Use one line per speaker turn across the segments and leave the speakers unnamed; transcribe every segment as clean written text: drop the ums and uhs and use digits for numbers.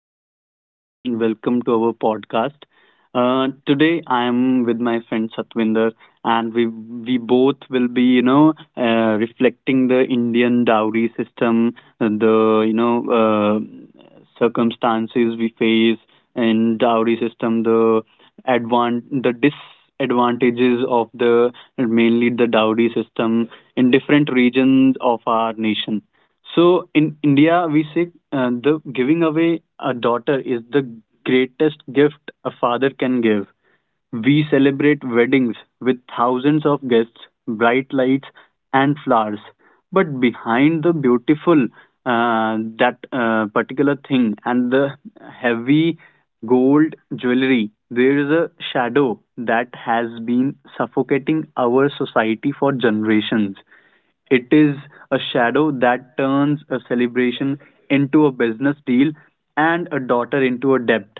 My name is Chetan, and welcome to our podcast. Today, I am with my friend Satwinder, and we both will be, reflecting the Indian dowry system, the circumstances we face in dowry system, the advan the disadvantages of the mainly the dowry system in different regions of our nation. So in India, we say the giving away a daughter is the greatest gift a father can give. We celebrate weddings with thousands of guests, bright lights, and flowers. But behind the beautiful, that particular thing and the heavy gold jewelry, there is a shadow that has been suffocating our society for generations. It is a shadow that turns a celebration into a business deal and a daughter into a debt.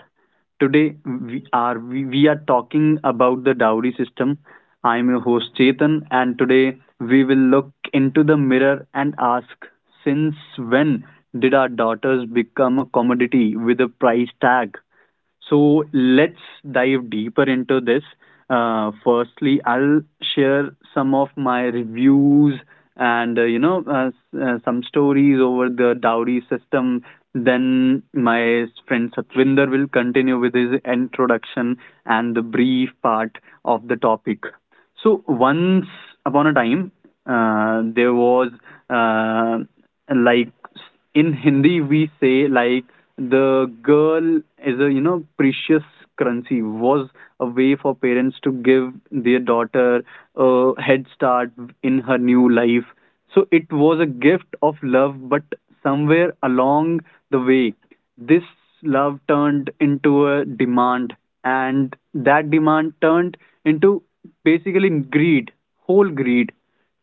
Today we are talking about the dowry system. I'm your host Chetan, and today we will look into the mirror and ask, since when did our daughters become a commodity with a price tag? So let's dive deeper into this. Firstly, I'll share some of my reviews and some stories over the dowry system. Then my friend Satvinder will continue with his introduction and the brief part of the topic. So once upon a time, there was uh, like in Hindi we say, like, the girl is a precious currency, was a way for parents to give their daughter a head start in her new life. So it was a gift of love, but somewhere along the way this love turned into a demand, and that demand turned into basically greed, whole greed.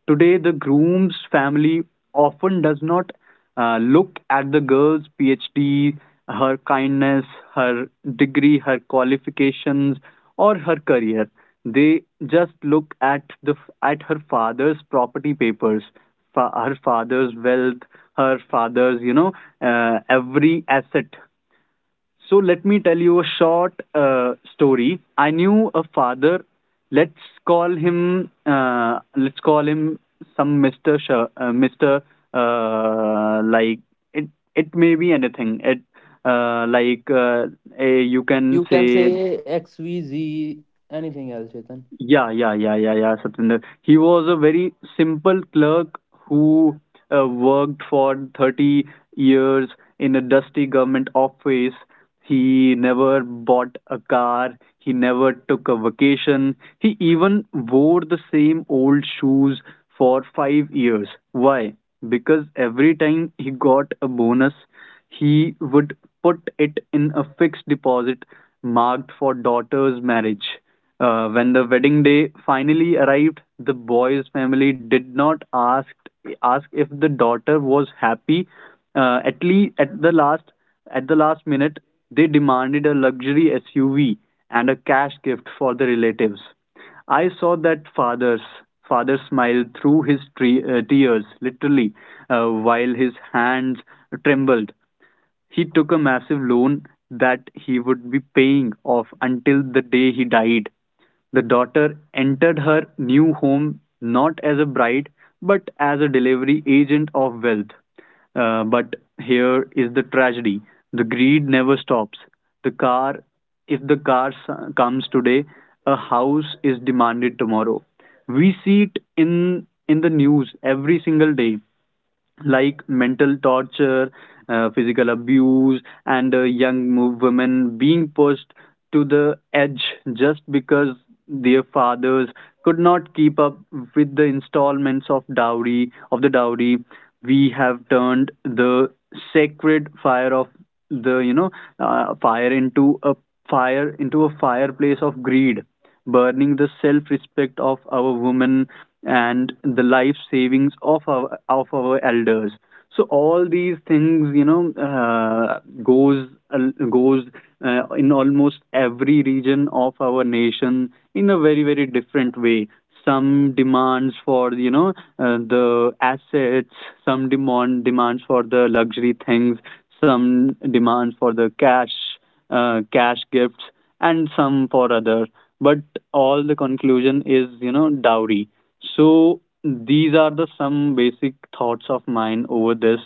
Today, the groom's family often does not look at the girl's PhD, her kindness, her degree, her qualifications, or her career. They just look at the at her father's property papers, her father's wealth, her father's every asset. So let me tell you a short story. I knew a father. Let's call him some Mister. Uh, like it. It may be anything. Uh, like uh, you can
You can
say,
say XVZ, anything else, Chetan.
Yeah, yeah, yeah, Satinder. He was a very simple clerk who worked for 30 years in a dusty government office. He never bought a car. He never took a vacation. He even wore the same old shoes for 5 years. Why? Because every time he got a bonus, he would put it in a fixed deposit marked for daughter's marriage. When the wedding day finally arrived, the boy's family did not ask if the daughter was happy. At least at the last minute, they demanded a luxury SUV and a cash gift for the relatives. I saw that father smile through his tears, literally, while his hands trembled. He took a massive loan that he would be paying off until the day he died. The daughter entered her new home not as a bride but as a delivery agent of wealth. But here is the tragedy: the greed never stops. The car, if the car comes today, a house is demanded tomorrow. We see it in the news every single day, like mental torture, physical abuse, and young women being pushed to the edge just because their fathers could not keep up with the installments of the dowry. We have turned the sacred fire of the you know uh, fire into a fire into a fireplace of greed, burning the self respect of our women and the life savings of our elders. So all these things, goes in almost every region of our nation in a very very different way. Some demands for, the assets, some demand demands for the luxury things, some demands for the cash, cash gifts, and some for other, but all the conclusion is, you know, dowry. So these are the some basic thoughts of mine over this.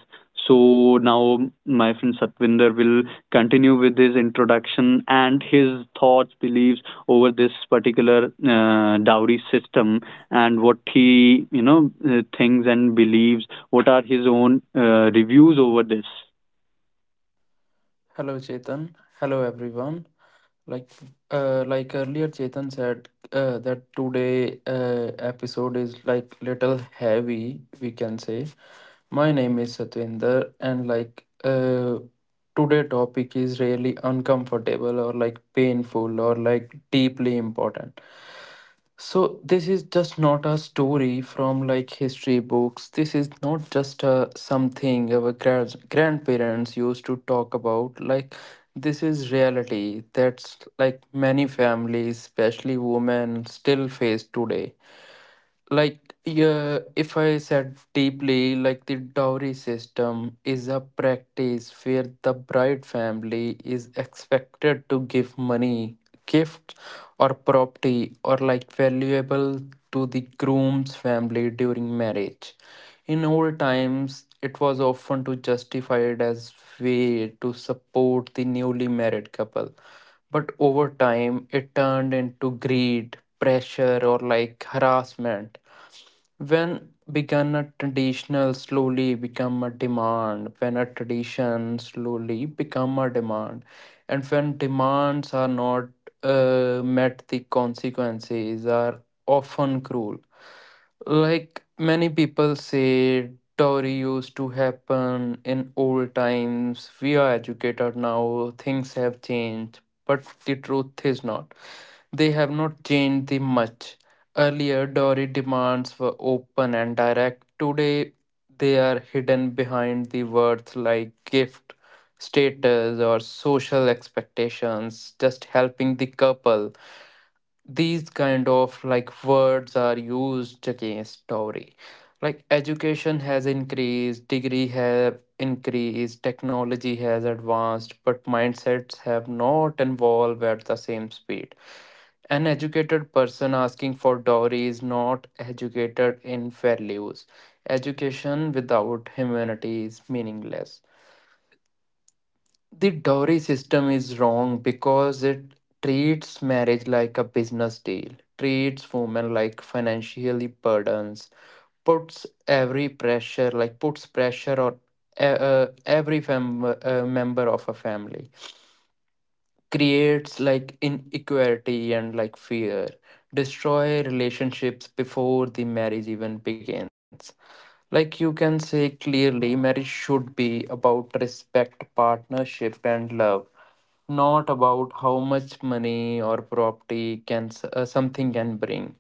So now my friend Satvinder will continue with his introduction and his thoughts, beliefs over this particular dowry system, and what he, thinks and believes, what are his own reviews over this.
Hello, Chetan. Hello, everyone. Like, like, earlier, Chetan said, that today episode is like little heavy, we can say. My name is Satvinder, and like today topic is really uncomfortable or like painful or like deeply important. So this is just not a story from like history books. This is not just a something our grandparents used to talk about. Like, this is reality that's like many families, especially women, still face today. Like, yeah, if I said deeply, like the dowry system is a practice where the bride family is expected to give money, gift, or property, or like valuable to the groom's family during marriage. In old times, it was often to justified as way to support the newly married couple, but over time it turned into greed, pressure, or like harassment. When a tradition slowly become a demand, and when demands are not met, the consequences are often cruel. Like many people say, dowry used to happen in old times. We are educated now, things have changed, but the truth is not. They have not changed the much. Earlier, dowry demands were open and direct. Today, they are hidden behind the words like gift, status, or social expectations, just helping the couple. These kind of like words are used against dowry. Like, education has increased, degree have increased, technology has advanced, but mindsets have not evolved at the same speed. An educated person asking for dowry is not educated in values. Education without humanity is meaningless. The dowry system is wrong because it treats marriage like a business deal, treats women like financially burdens, puts pressure on every member of a family. Creates like inequality and like fear, destroy relationships before the marriage even begins. Like, you can say clearly marriage should be about respect, partnership, and love, not about how much money or property can something can bring.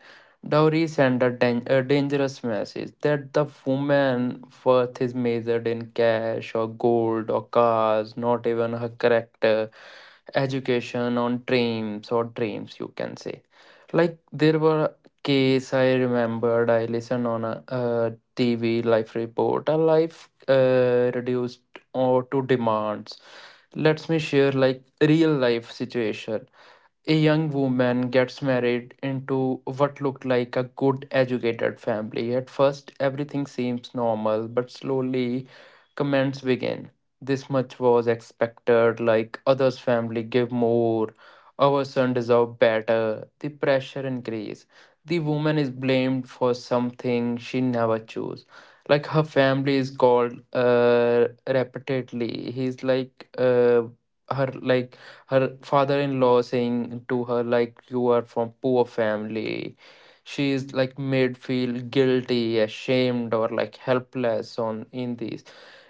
Dowry send a dangerous message that the woman worth is measured in cash or gold or cars, not even her character. Education on dreams or dreams, you can say. Like there were case, I remembered I listened on a TV, life report, a life reduced or to demands. Let me share like real life situation. A young woman gets married into what looked like a good educated family. At first, everything seems normal, but slowly comments begin. This much was expected, like others' family give more, our son deserve better. The pressure increase. The woman is blamed for something she never chose. Like her family is called, repeatedly. He's like, her, like, her father-in-law saying to her, like, you are from poor family. She is like made feel guilty, ashamed, or like helpless, on in these.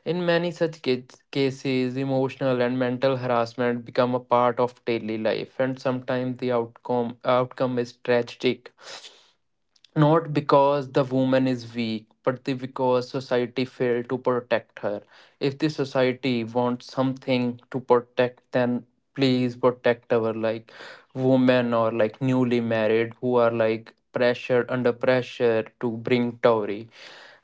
In many such cases, emotional and mental harassment become a part of daily life, and sometimes the outcome is tragic, not because the woman is weak, but because society failed to protect her. If the society wants something to protect, then please protect our, like, women or like newly married who are like pressured, under pressure to bring dowry.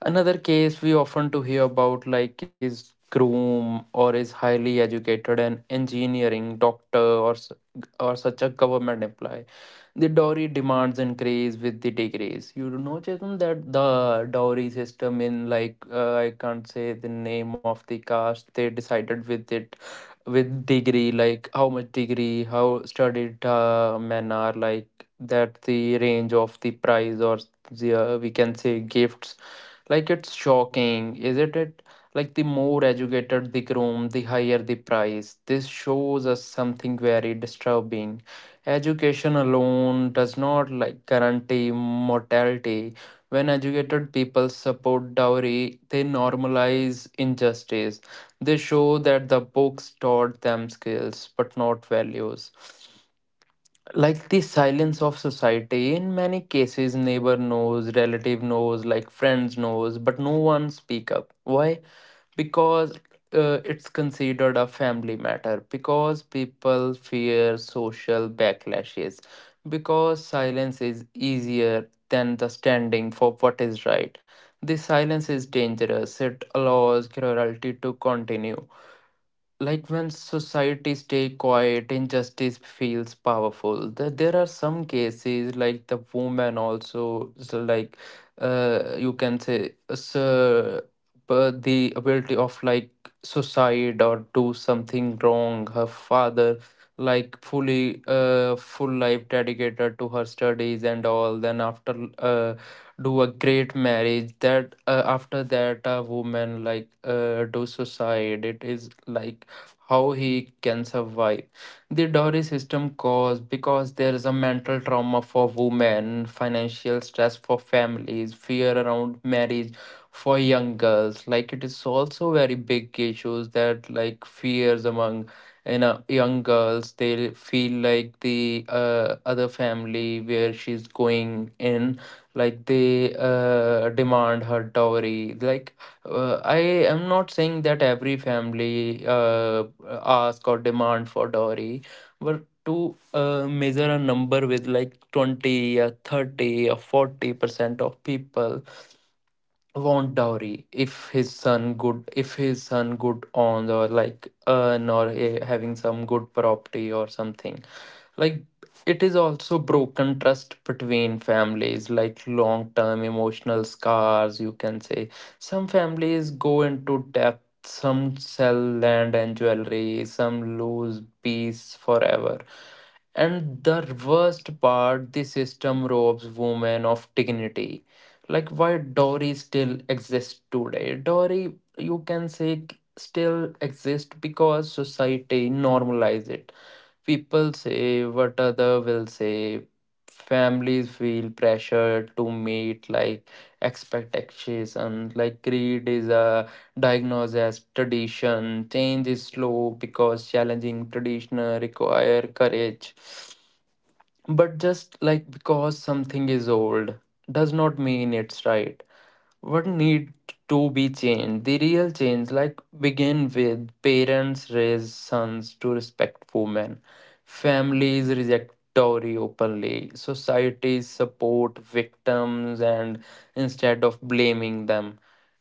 Another case we often to hear about, like, is groom or is highly educated and engineering, doctor, or s- or such a government employee. The dowry demands increase with the degrees. You do know, Chetan, that the dowry system in like, I can't say the name of the caste. They decided with it with degree, like how much degree, how studied men are, like that the range of the price or we can say, gifts. Like, it's shocking, isn't it? Like the more educated the groom, the higher the price. This shows us something very disturbing. Education alone does not like guarantee mortality. When educated people support dowry, they normalize injustice. They show that the books taught them skills but not values. Like, the silence of society in many cases, neighbor knows, relative knows, like friends knows, but no one speak up. Why? Because it's considered a family matter, because people fear social backlashes, because silence is easier than the standing for what is right. This silence is dangerous, it allows cruelty to continue. Like, when societies stay quiet, injustice feels powerful. There are some cases like the woman also, so like, you can say, so, but the ability of like suicide or do something wrong. Her father, like, full life dedicated to her studies and all, then after, do a great marriage, that after that a woman like do suicide, it is like, how he can survive. The dowry system caused because there is a mental trauma for women, financial stress for families, fear around marriage for young girls. Like it is also very big issues that like fears among young girls. They feel like the other family where she's going in, like they demand her dowry. Like, I am not saying that every family ask or demand for dowry, but to measure a number with like 20 or 30 or 40% of people want dowry if his son good on, or like earn, or having some good property or something. Like it is also broken trust between families, like long term emotional scars, you can say. Some families go into debt, some sell land and jewelry, some lose peace forever. And the worst part, the system robs women of dignity. Like, why dowry still exists today? Dowry, you can say, still exists because society normalized it. People say, what other will say. Families feel pressure to meet like expectations. Like greed is a diagnosed as tradition. Change is slow because challenging traditional require courage. But just like because something is old does not mean it's right. What need to be changed? The real change, like, begin with parents raise sons to respect women, families reject dowry openly, societies support victims and instead of blaming them.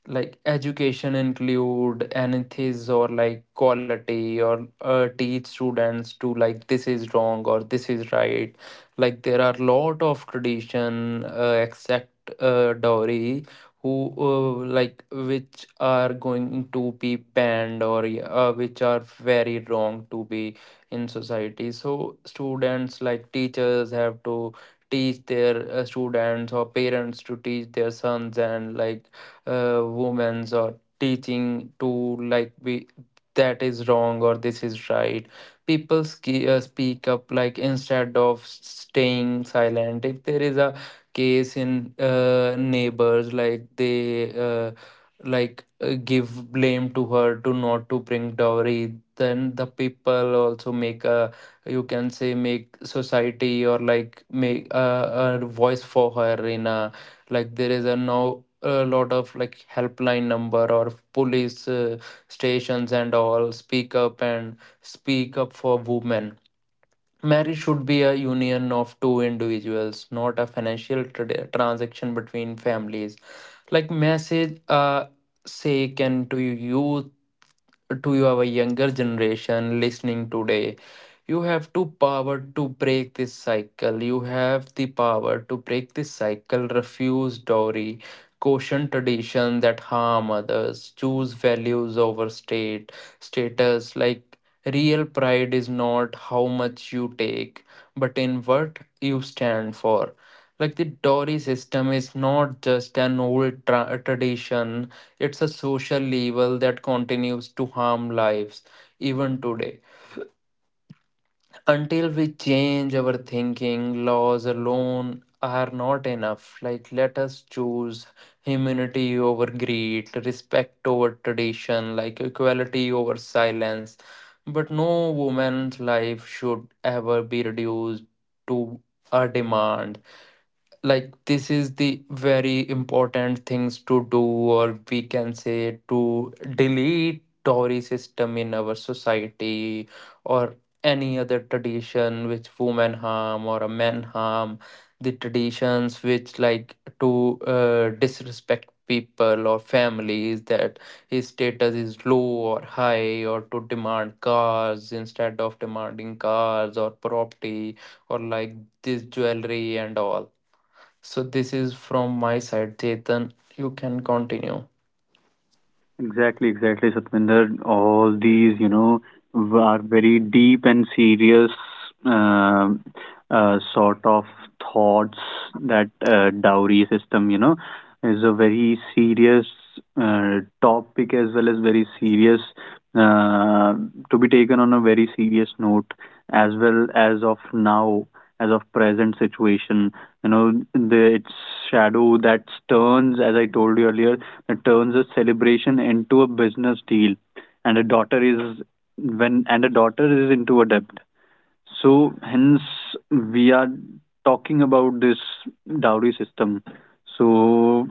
Like education include anything, or like quality, or teach students to, like, this is wrong or this is right. Like there are lot of tradition except, dowry, who like, which are going to be banned, or which are very wrong to be in society. So students, like teachers, have to teach their students, or parents to teach their sons, and like, women's or teaching to like be that is wrong or this is right. People speak up, like instead of staying silent. If there is a case in neighbors, like they like give blame to her to not to bring dowry, then the people also make a, you can say, make society or like make a voice for her in a. Like there is a now a lot of like helpline number or police stations and all, speak up and speak up for women. Marriage should be a union of two individuals, not a financial transaction between families. Like message, say can to you, to our younger generation listening today, you have the power to break this cycle, refuse dowry, caution tradition that harm others, choose values over state status. Like, real pride is not how much you take, but in what you stand for. Like the Tory system is not just an old tradition, it's a social evil that continues to harm lives even today. Until we change our thinking, laws alone are not enough. Like, let us choose humanity over greed, respect over tradition, like equality over silence. But no woman's life should ever be reduced to a demand. Like this is the very important things to do, or we can say, to delete dowry system in our society, or any other tradition which women harm or a men harm, the traditions which like to disrespect people or families that his status is low or high, or to demand cars, instead of demanding cars or property, or like this jewelry and all. So this is from my side, Chetan. You can continue.
Exactly, exactly, Satvinder. All these, you know, are very deep and serious um sort of thoughts that dowry system, you know, is a very serious topic, as well as very serious uh, to be taken on a very serious note, as well as of now, as of present situation. You know, the its shadow that turns, as I told you earlier, that turns a celebration into a business deal, and a daughter is into a debt. So hence we are talking about this dowry system. So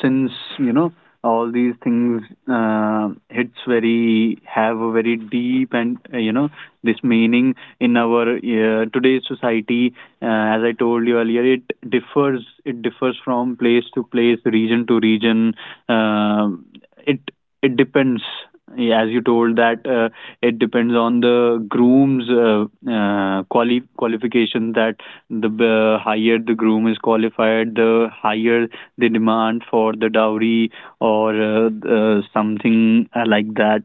since, you know, all these things hits very have a very deep and, you know, this meaning in our today's society. uh, as I told you earlier, it differs, it differs, from place to place, region to region. uh, it it depends. Yeah, as you told that, it depends on the groom's qualification. That the higher the groom is qualified, the higher the demand for the dowry, or something like that.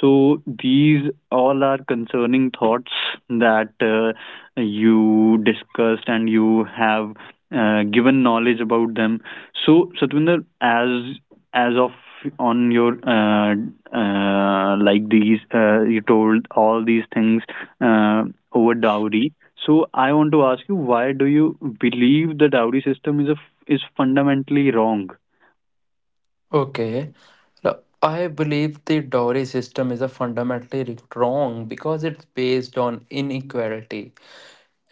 So these all are concerning thoughts that you discussed and you have given knowledge about them. So Satwinder, as of on your like these you told all these things uh, over dowry. So I want to ask you, why do you believe the dowry system is fundamentally wrong?
Okay. Now, I believe the dowry system is a fundamentally wrong because it's based on inequality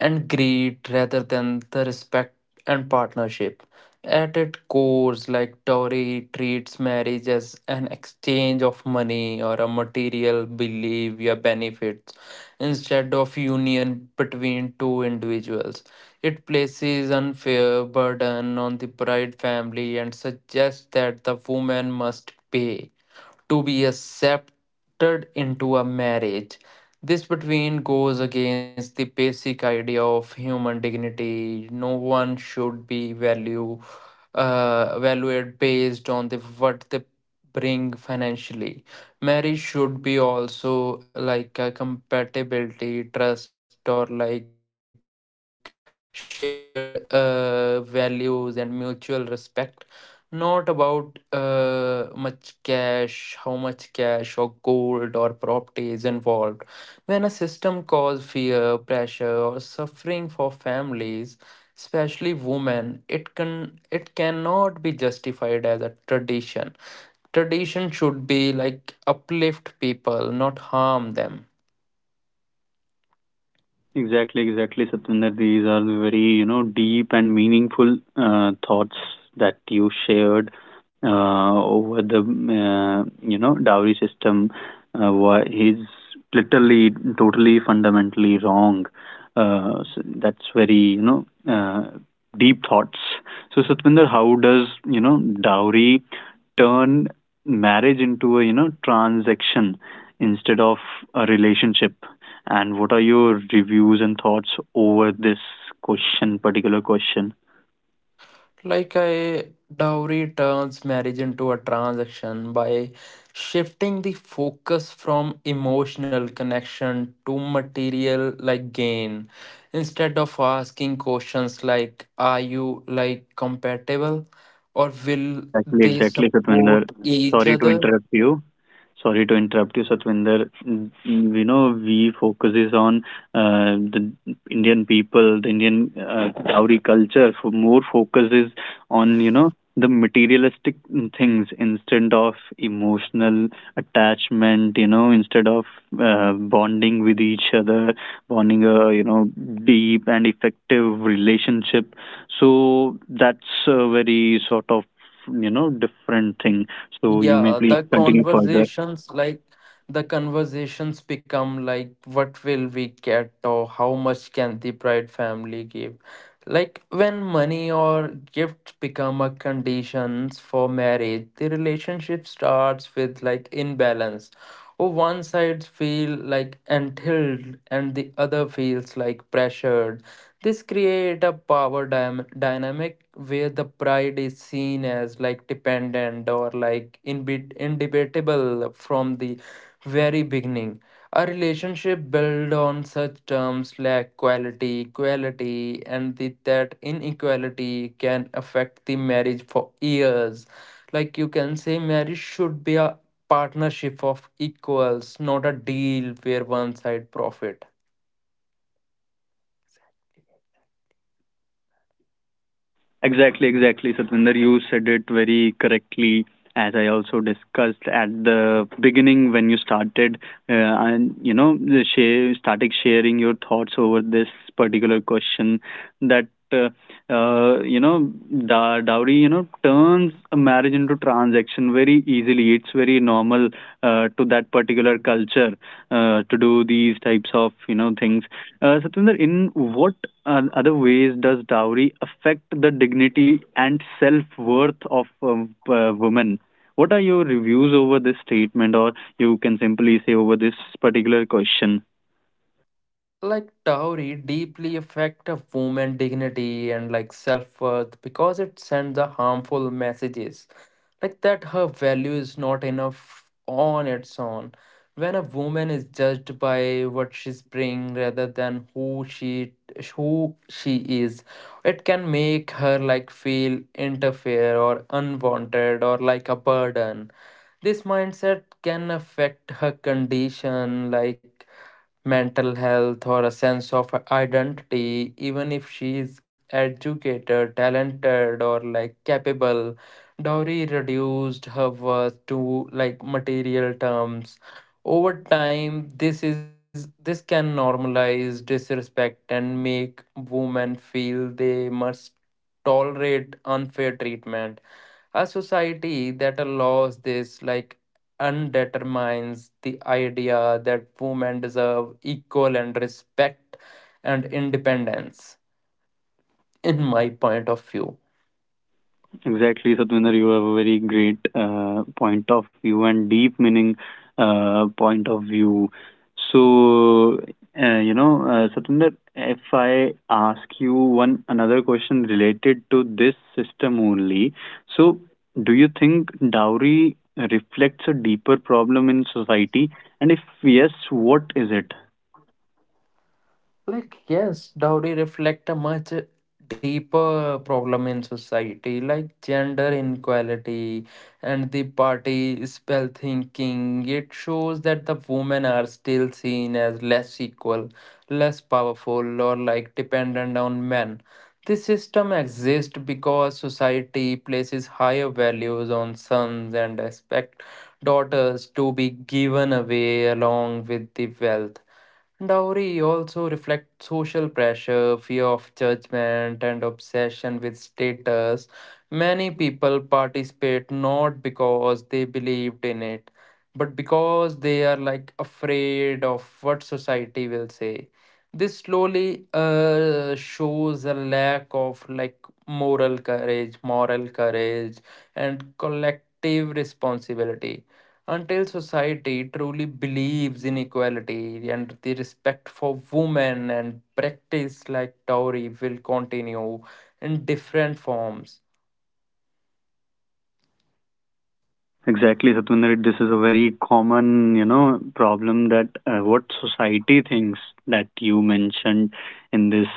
and greed rather than the respect and partnership. At its core, like Tory treats marriage as an exchange of money or a material behavior benefits, instead of union between two individuals. It places unfair burden on the bride family and suggests that the woman must pay to be accepted into a marriage. This between goes against the basic idea of human dignity. No one should be valued based on the what they bring financially. Marriage should be also like a compatibility, trust, or like shared values and mutual respect, not about much cash, how much cash or gold or property is involved. When a system causes fear, pressure, or suffering for families, especially women, it cannot be justified as a tradition. Tradition should be like uplift people, not harm them.
Exactly, exactly, Satinder. These are the very, you know, deep and meaningful thoughts that you shared over the, you know, dowry system. Why is literally, totally, fundamentally wrong. So that's very, you know, deep thoughts. So, Satvinder, how does, you know, dowry turn marriage into a, you know, transaction instead of a relationship? And what are your reviews and thoughts over this question particular question?
Like a dowry turns marriage into a transaction by shifting the focus from emotional connection to material like gain. Instead of asking questions like are you like compatible or will
Exactly,
they
exactly, Satwinder.
support each
Sorry to
other?
interrupt you. Sorry to interrupt you, Satwinder. You know, we focuses on the Indian people, the Indian dowry culture. For more focuses on, you know, the materialistic things instead of emotional attachment. You know, instead of bonding with each other, bonding a, you know, deep and effective relationship, so that's a very sort of, you know, different thing. So you may
Yeah,
please continue further.
the conversations become like what will we get or how much can the bride family give? Like when money or gifts become a conditions for marriage, the relationship starts with like imbalance. Or one side feel like entitled and the other feels like pressured, this create a power dynamic where the pride is seen as like dependent or like indebatable from the very beginning. A relationship built on such terms like quality, equality, and the, that inequality can affect the marriage for years. Like you can say, marriage should be a partnership of equals, not a deal where one side profit.
Exactly, exactly, Satvinder. You said it very correctly. As I also discussed at the beginning when you started, uh, and, you know, started sharing your thoughts over this particular question, that you know, dowry, you know, turns a marriage into transaction very easily. It's very normal to that particular culture to do these types of, you know, things. Satwinder, in what other ways does dowry affect the dignity and self-worth of women? What are your reviews over this statement, or you can simply say over this particular question?
Like dowry deeply affect a woman's dignity and like self-worth because it sends a harmful messages like that her value is not enough on its own. When a woman is judged by what she's bring rather than who she is, it can make her like feel interfere or unwanted or like a burden. This mindset can affect her condition like mental health or a sense of identity, even if she is educated, talented, or like capable. Dowry reduced her worth to like material terms. Over time, this can normalize disrespect and make women feel they must tolerate unfair treatment. A society that allows this like undetermines the idea that women deserve equal and respect and independence, in my point of view.
Exactly, Satvinder, you have a very great point of view and deep meaning point of view. So, Satvinder, if I ask you one another question related to this system only, so do you think dowry reflects a deeper problem in society? And if yes, what is it?
Like, yes, dowry reflect a much deeper problem in society, like gender inequality and the party spell thinking. It shows that the women are still seen as less equal, less powerful, or like dependent on men. This system exists because society places higher values on sons and expect daughters to be given away along with the wealth. Dowry also reflects social pressure, fear of judgment, and obsession with status. Many people participate not because they believed in it, but because they are like afraid of what society will say. This slowly shows a lack of like moral courage, and collective responsibility until society truly believes in equality and the respect for women, and practice like dowry will continue in different forms.
Exactly, Satwinder. This is a very common, you know, problem that, what society thinks, that you mentioned in this,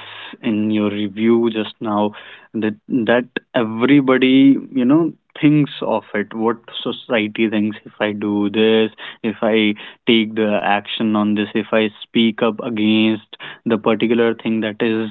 in your review just now, that everybody, you know, thinks of it, what society thinks, if I do this, if I take the action on this, if I speak up against the particular thing, that is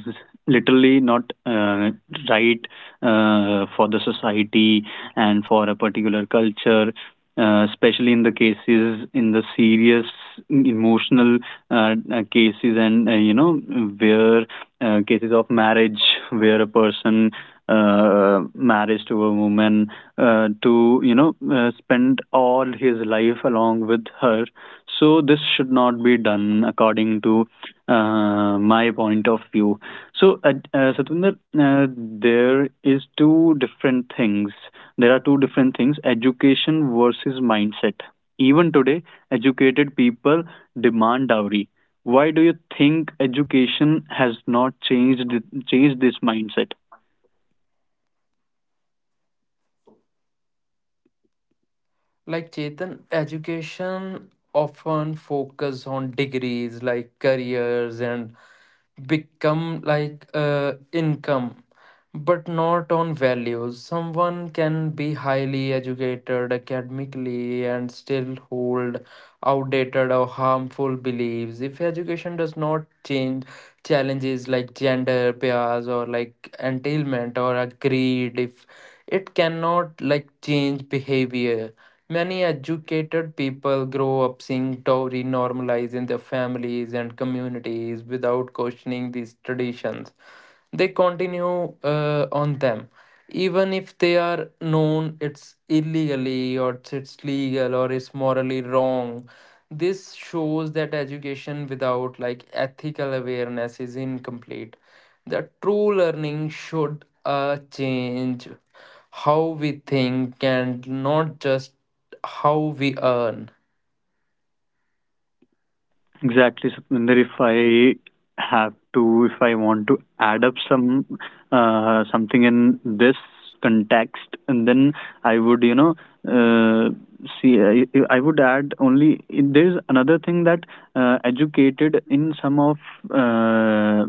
literally not right for the society and for a particular culture, especially in the cases, in the serious emotional cases, and, you know, where cases of marriage, where a person marriage to a woman to you know spend all his life along with her. So this should not be done according to my point of view. So Satinder, uh, there is two different things there are two different things, education versus mindset. Even today educated people demand dowry. Why do you think education has not changed this mindset?
Like Chetan, education often focus on degrees like careers and become like income, but not on values. Someone can be highly educated academically and still hold outdated or harmful beliefs if education does not change challenges like gender bias or like entailment or a greed. If it cannot like change behavior, many educated people grow up seeing dowry normalized in their families and communities without questioning these traditions. They continue on them even if they are known it's illegally or it's legal or it's morally wrong. This shows that education without like ethical awareness is incomplete. The true learning should change how we think and not just how we earn.
Exactly, Satvinder, if I have to if I want to add up some something in this context, and then I would, you know, uh, see, I would add, only there is another thing that educated uh,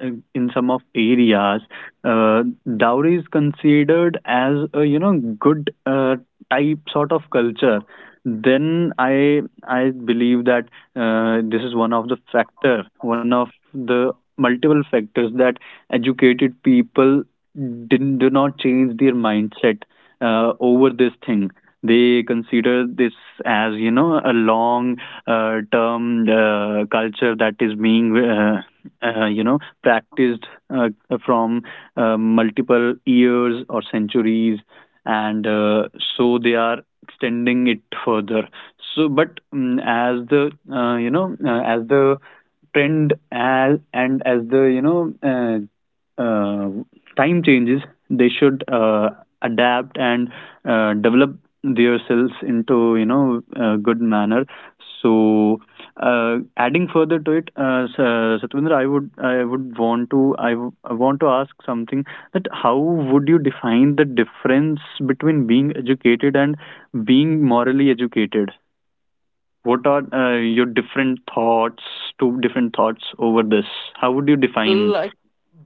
in some of areas, uh, dowry is considered as a, you know, good type sort of culture. Then I believe that this is one of the factor, one of the multiple factors that educated people do not change their mindset over this thing. They consider this as a long term culture that is being practiced from multiple years or centuries, and so they are extending it further. So, but as the as the trend as and as the time changes, they should adapt and develop themselves into a good manner. So, adding further to it, Satwinder, I would want to I want to ask something that how would you define the difference between being educated and being morally educated? What are your different thoughts, two different thoughts over this? How would you define?
Like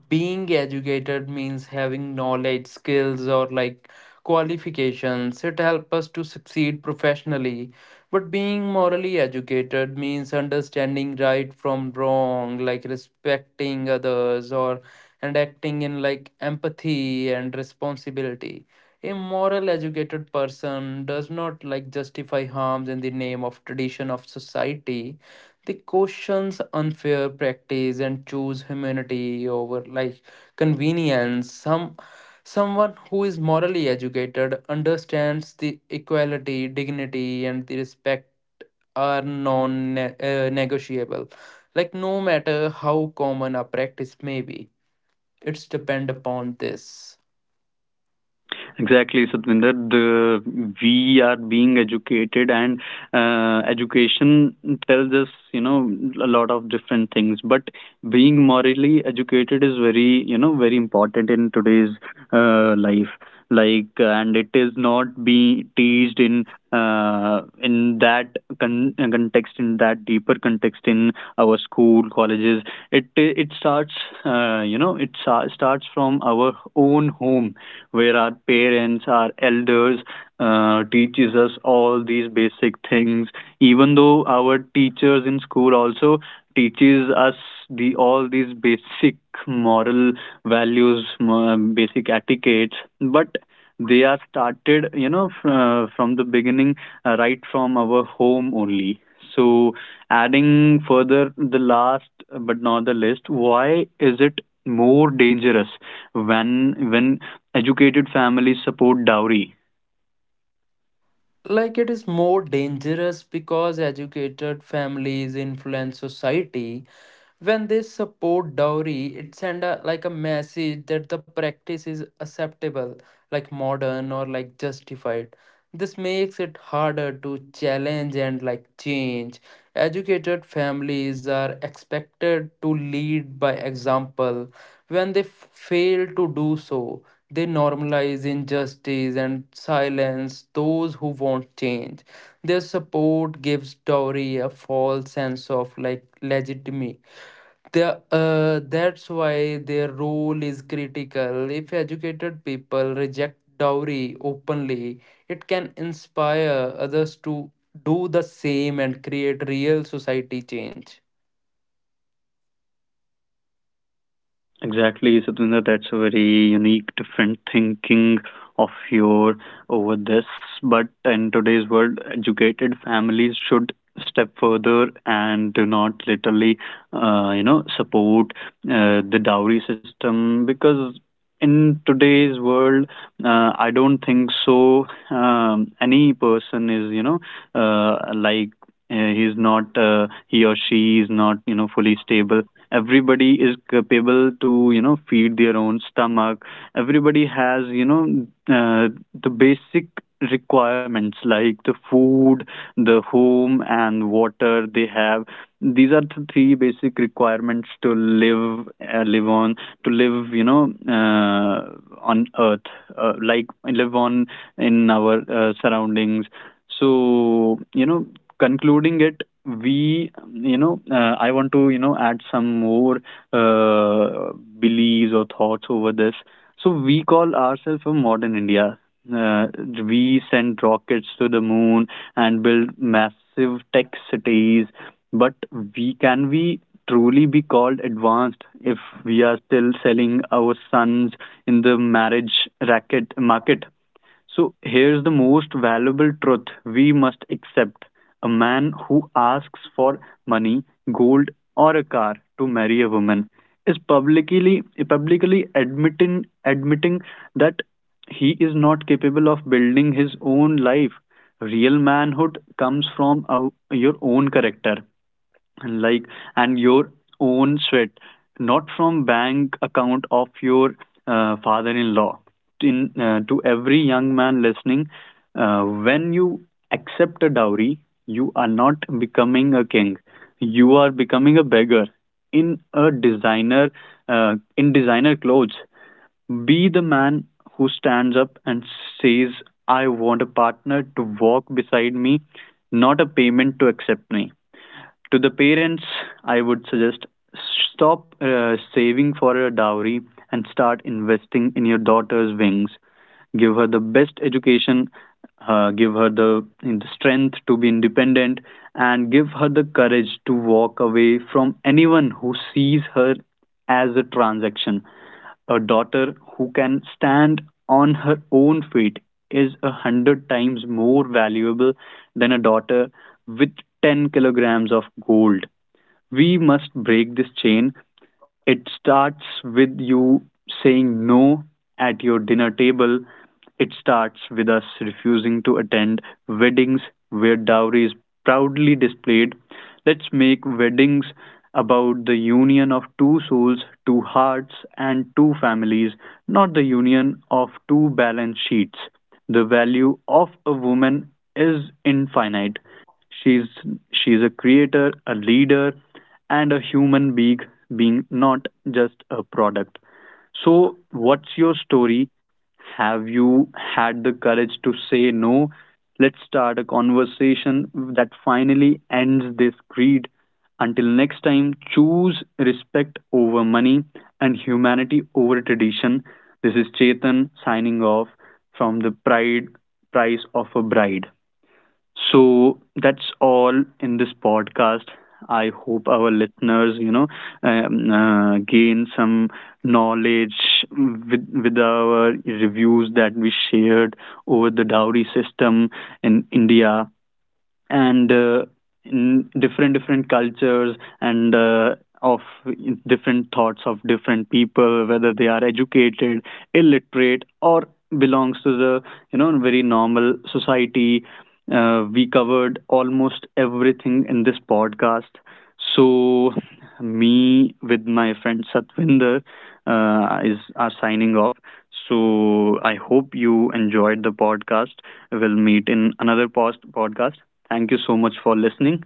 being educated means having knowledge skills or like qualifications. It helps us to succeed professionally, but being morally educated means understanding right from wrong, like respecting others or and acting in like empathy and responsibility. A moral educated person does not like justify harms in the name of tradition of society. They questions unfair practice and choose humanity over like convenience. Someone who is morally educated understands the equality, dignity, and the respect are non-negotiable. Like no matter how common a practice may be, it's depend upon this.
Exactly, Satvinder. We are being educated, and education tells us, you know, a lot of different things. But being morally educated is very, you know, very important in today's life. Like, and it is not be teased in context, in that deeper context in our school, colleges. It starts, you know, starts from our own home where our parents, our elders teaches us all these basic things. Even though our teachers in school also teaches us the all these basic moral values, basic etiquettes, but they are started, you know, from the beginning, right from our home only. So adding further, the last but not the least, why is it more dangerous when educated families support dowry?
Like it is more dangerous because educated families influence society. When they support dowry, it send a like a message that the practice is acceptable like modern or like justified. This makes it harder to challenge and like change. Educated families are expected to lead by example. When they fail to do so, they normalize injustice and silence those who won't change. Their support gives dowry a false sense of like legitimacy. That's why their role is critical. If educated people reject dowry openly, it can inspire others to do the same and create real society change.
Exactly, Satwinder, that's a very unique different thinking of your over this, but in today's world educated families should step further and do not literally support the dowry system, because in today's world, I don't think so. Any person is, you know, uh, like he's not, he or she is not, you know, fully stable. Everybody is capable to, you know, feed their own stomach. Everybody has, you know, the basic requirements like the food, the home, and water they have. These are the three basic requirements to live, to live, you know, on Earth, like live on in our surroundings. So, you know, concluding it, I want to, you know, add some more uh, beliefs or thoughts over this. So, we call ourselves a modern India. Uh, we send rockets to the moon and build massive tech cities, but we can we truly be called advanced if we are still selling our sons in the marriage racket market? So here's the most valuable truth we must accept. A man who asks for money, gold, or a car to marry a woman is publicly admitting that he is not capable of building his own life. Real manhood comes from your own character, and like and your own sweat, not from bank account of your father-in-law. In To every young man listening, when you accept a dowry, you are not becoming a king, you are becoming a beggar in a designer, in designer clothes. Be the man who stands up and says, I want a partner to walk beside me, not a payment to accept me. To the parents, I would suggest, stop saving for a dowry and start investing in your daughter's wings. Give her the best education, give her the strength to be independent, and give her the courage to walk away from anyone who sees her as a transaction. A daughter who can stand on her own feet is a hundred times more valuable than a daughter with 10 kilograms of gold. We must break this chain. It starts with you saying no at your dinner table. It starts with us refusing to attend weddings where dowry is proudly displayed. Let's make weddings about the union of two souls, two hearts, and two families, not the union of two balance sheets. The value of a woman is infinite. She's she's a creator, a leader, and a human being, not just a product. So what's your story? Have you had the courage to say no? Let's start a conversation that finally ends this greed. Until next time, choose respect over money and humanity over tradition. This is Chetan signing off from the pride price of a bride. So that's all in this podcast. I hope our listeners, you know, gain some knowledge with our reviews that we shared over the dowry system in India and in different different cultures, and of different thoughts of different people, whether they are educated, illiterate, or belongs to the, you know, very normal society. We covered almost everything in this podcast. So me with my friend Satvinder is are signing off. So I hope you enjoyed the podcast. We'll meet in another post podcast. Thank you so much for listening.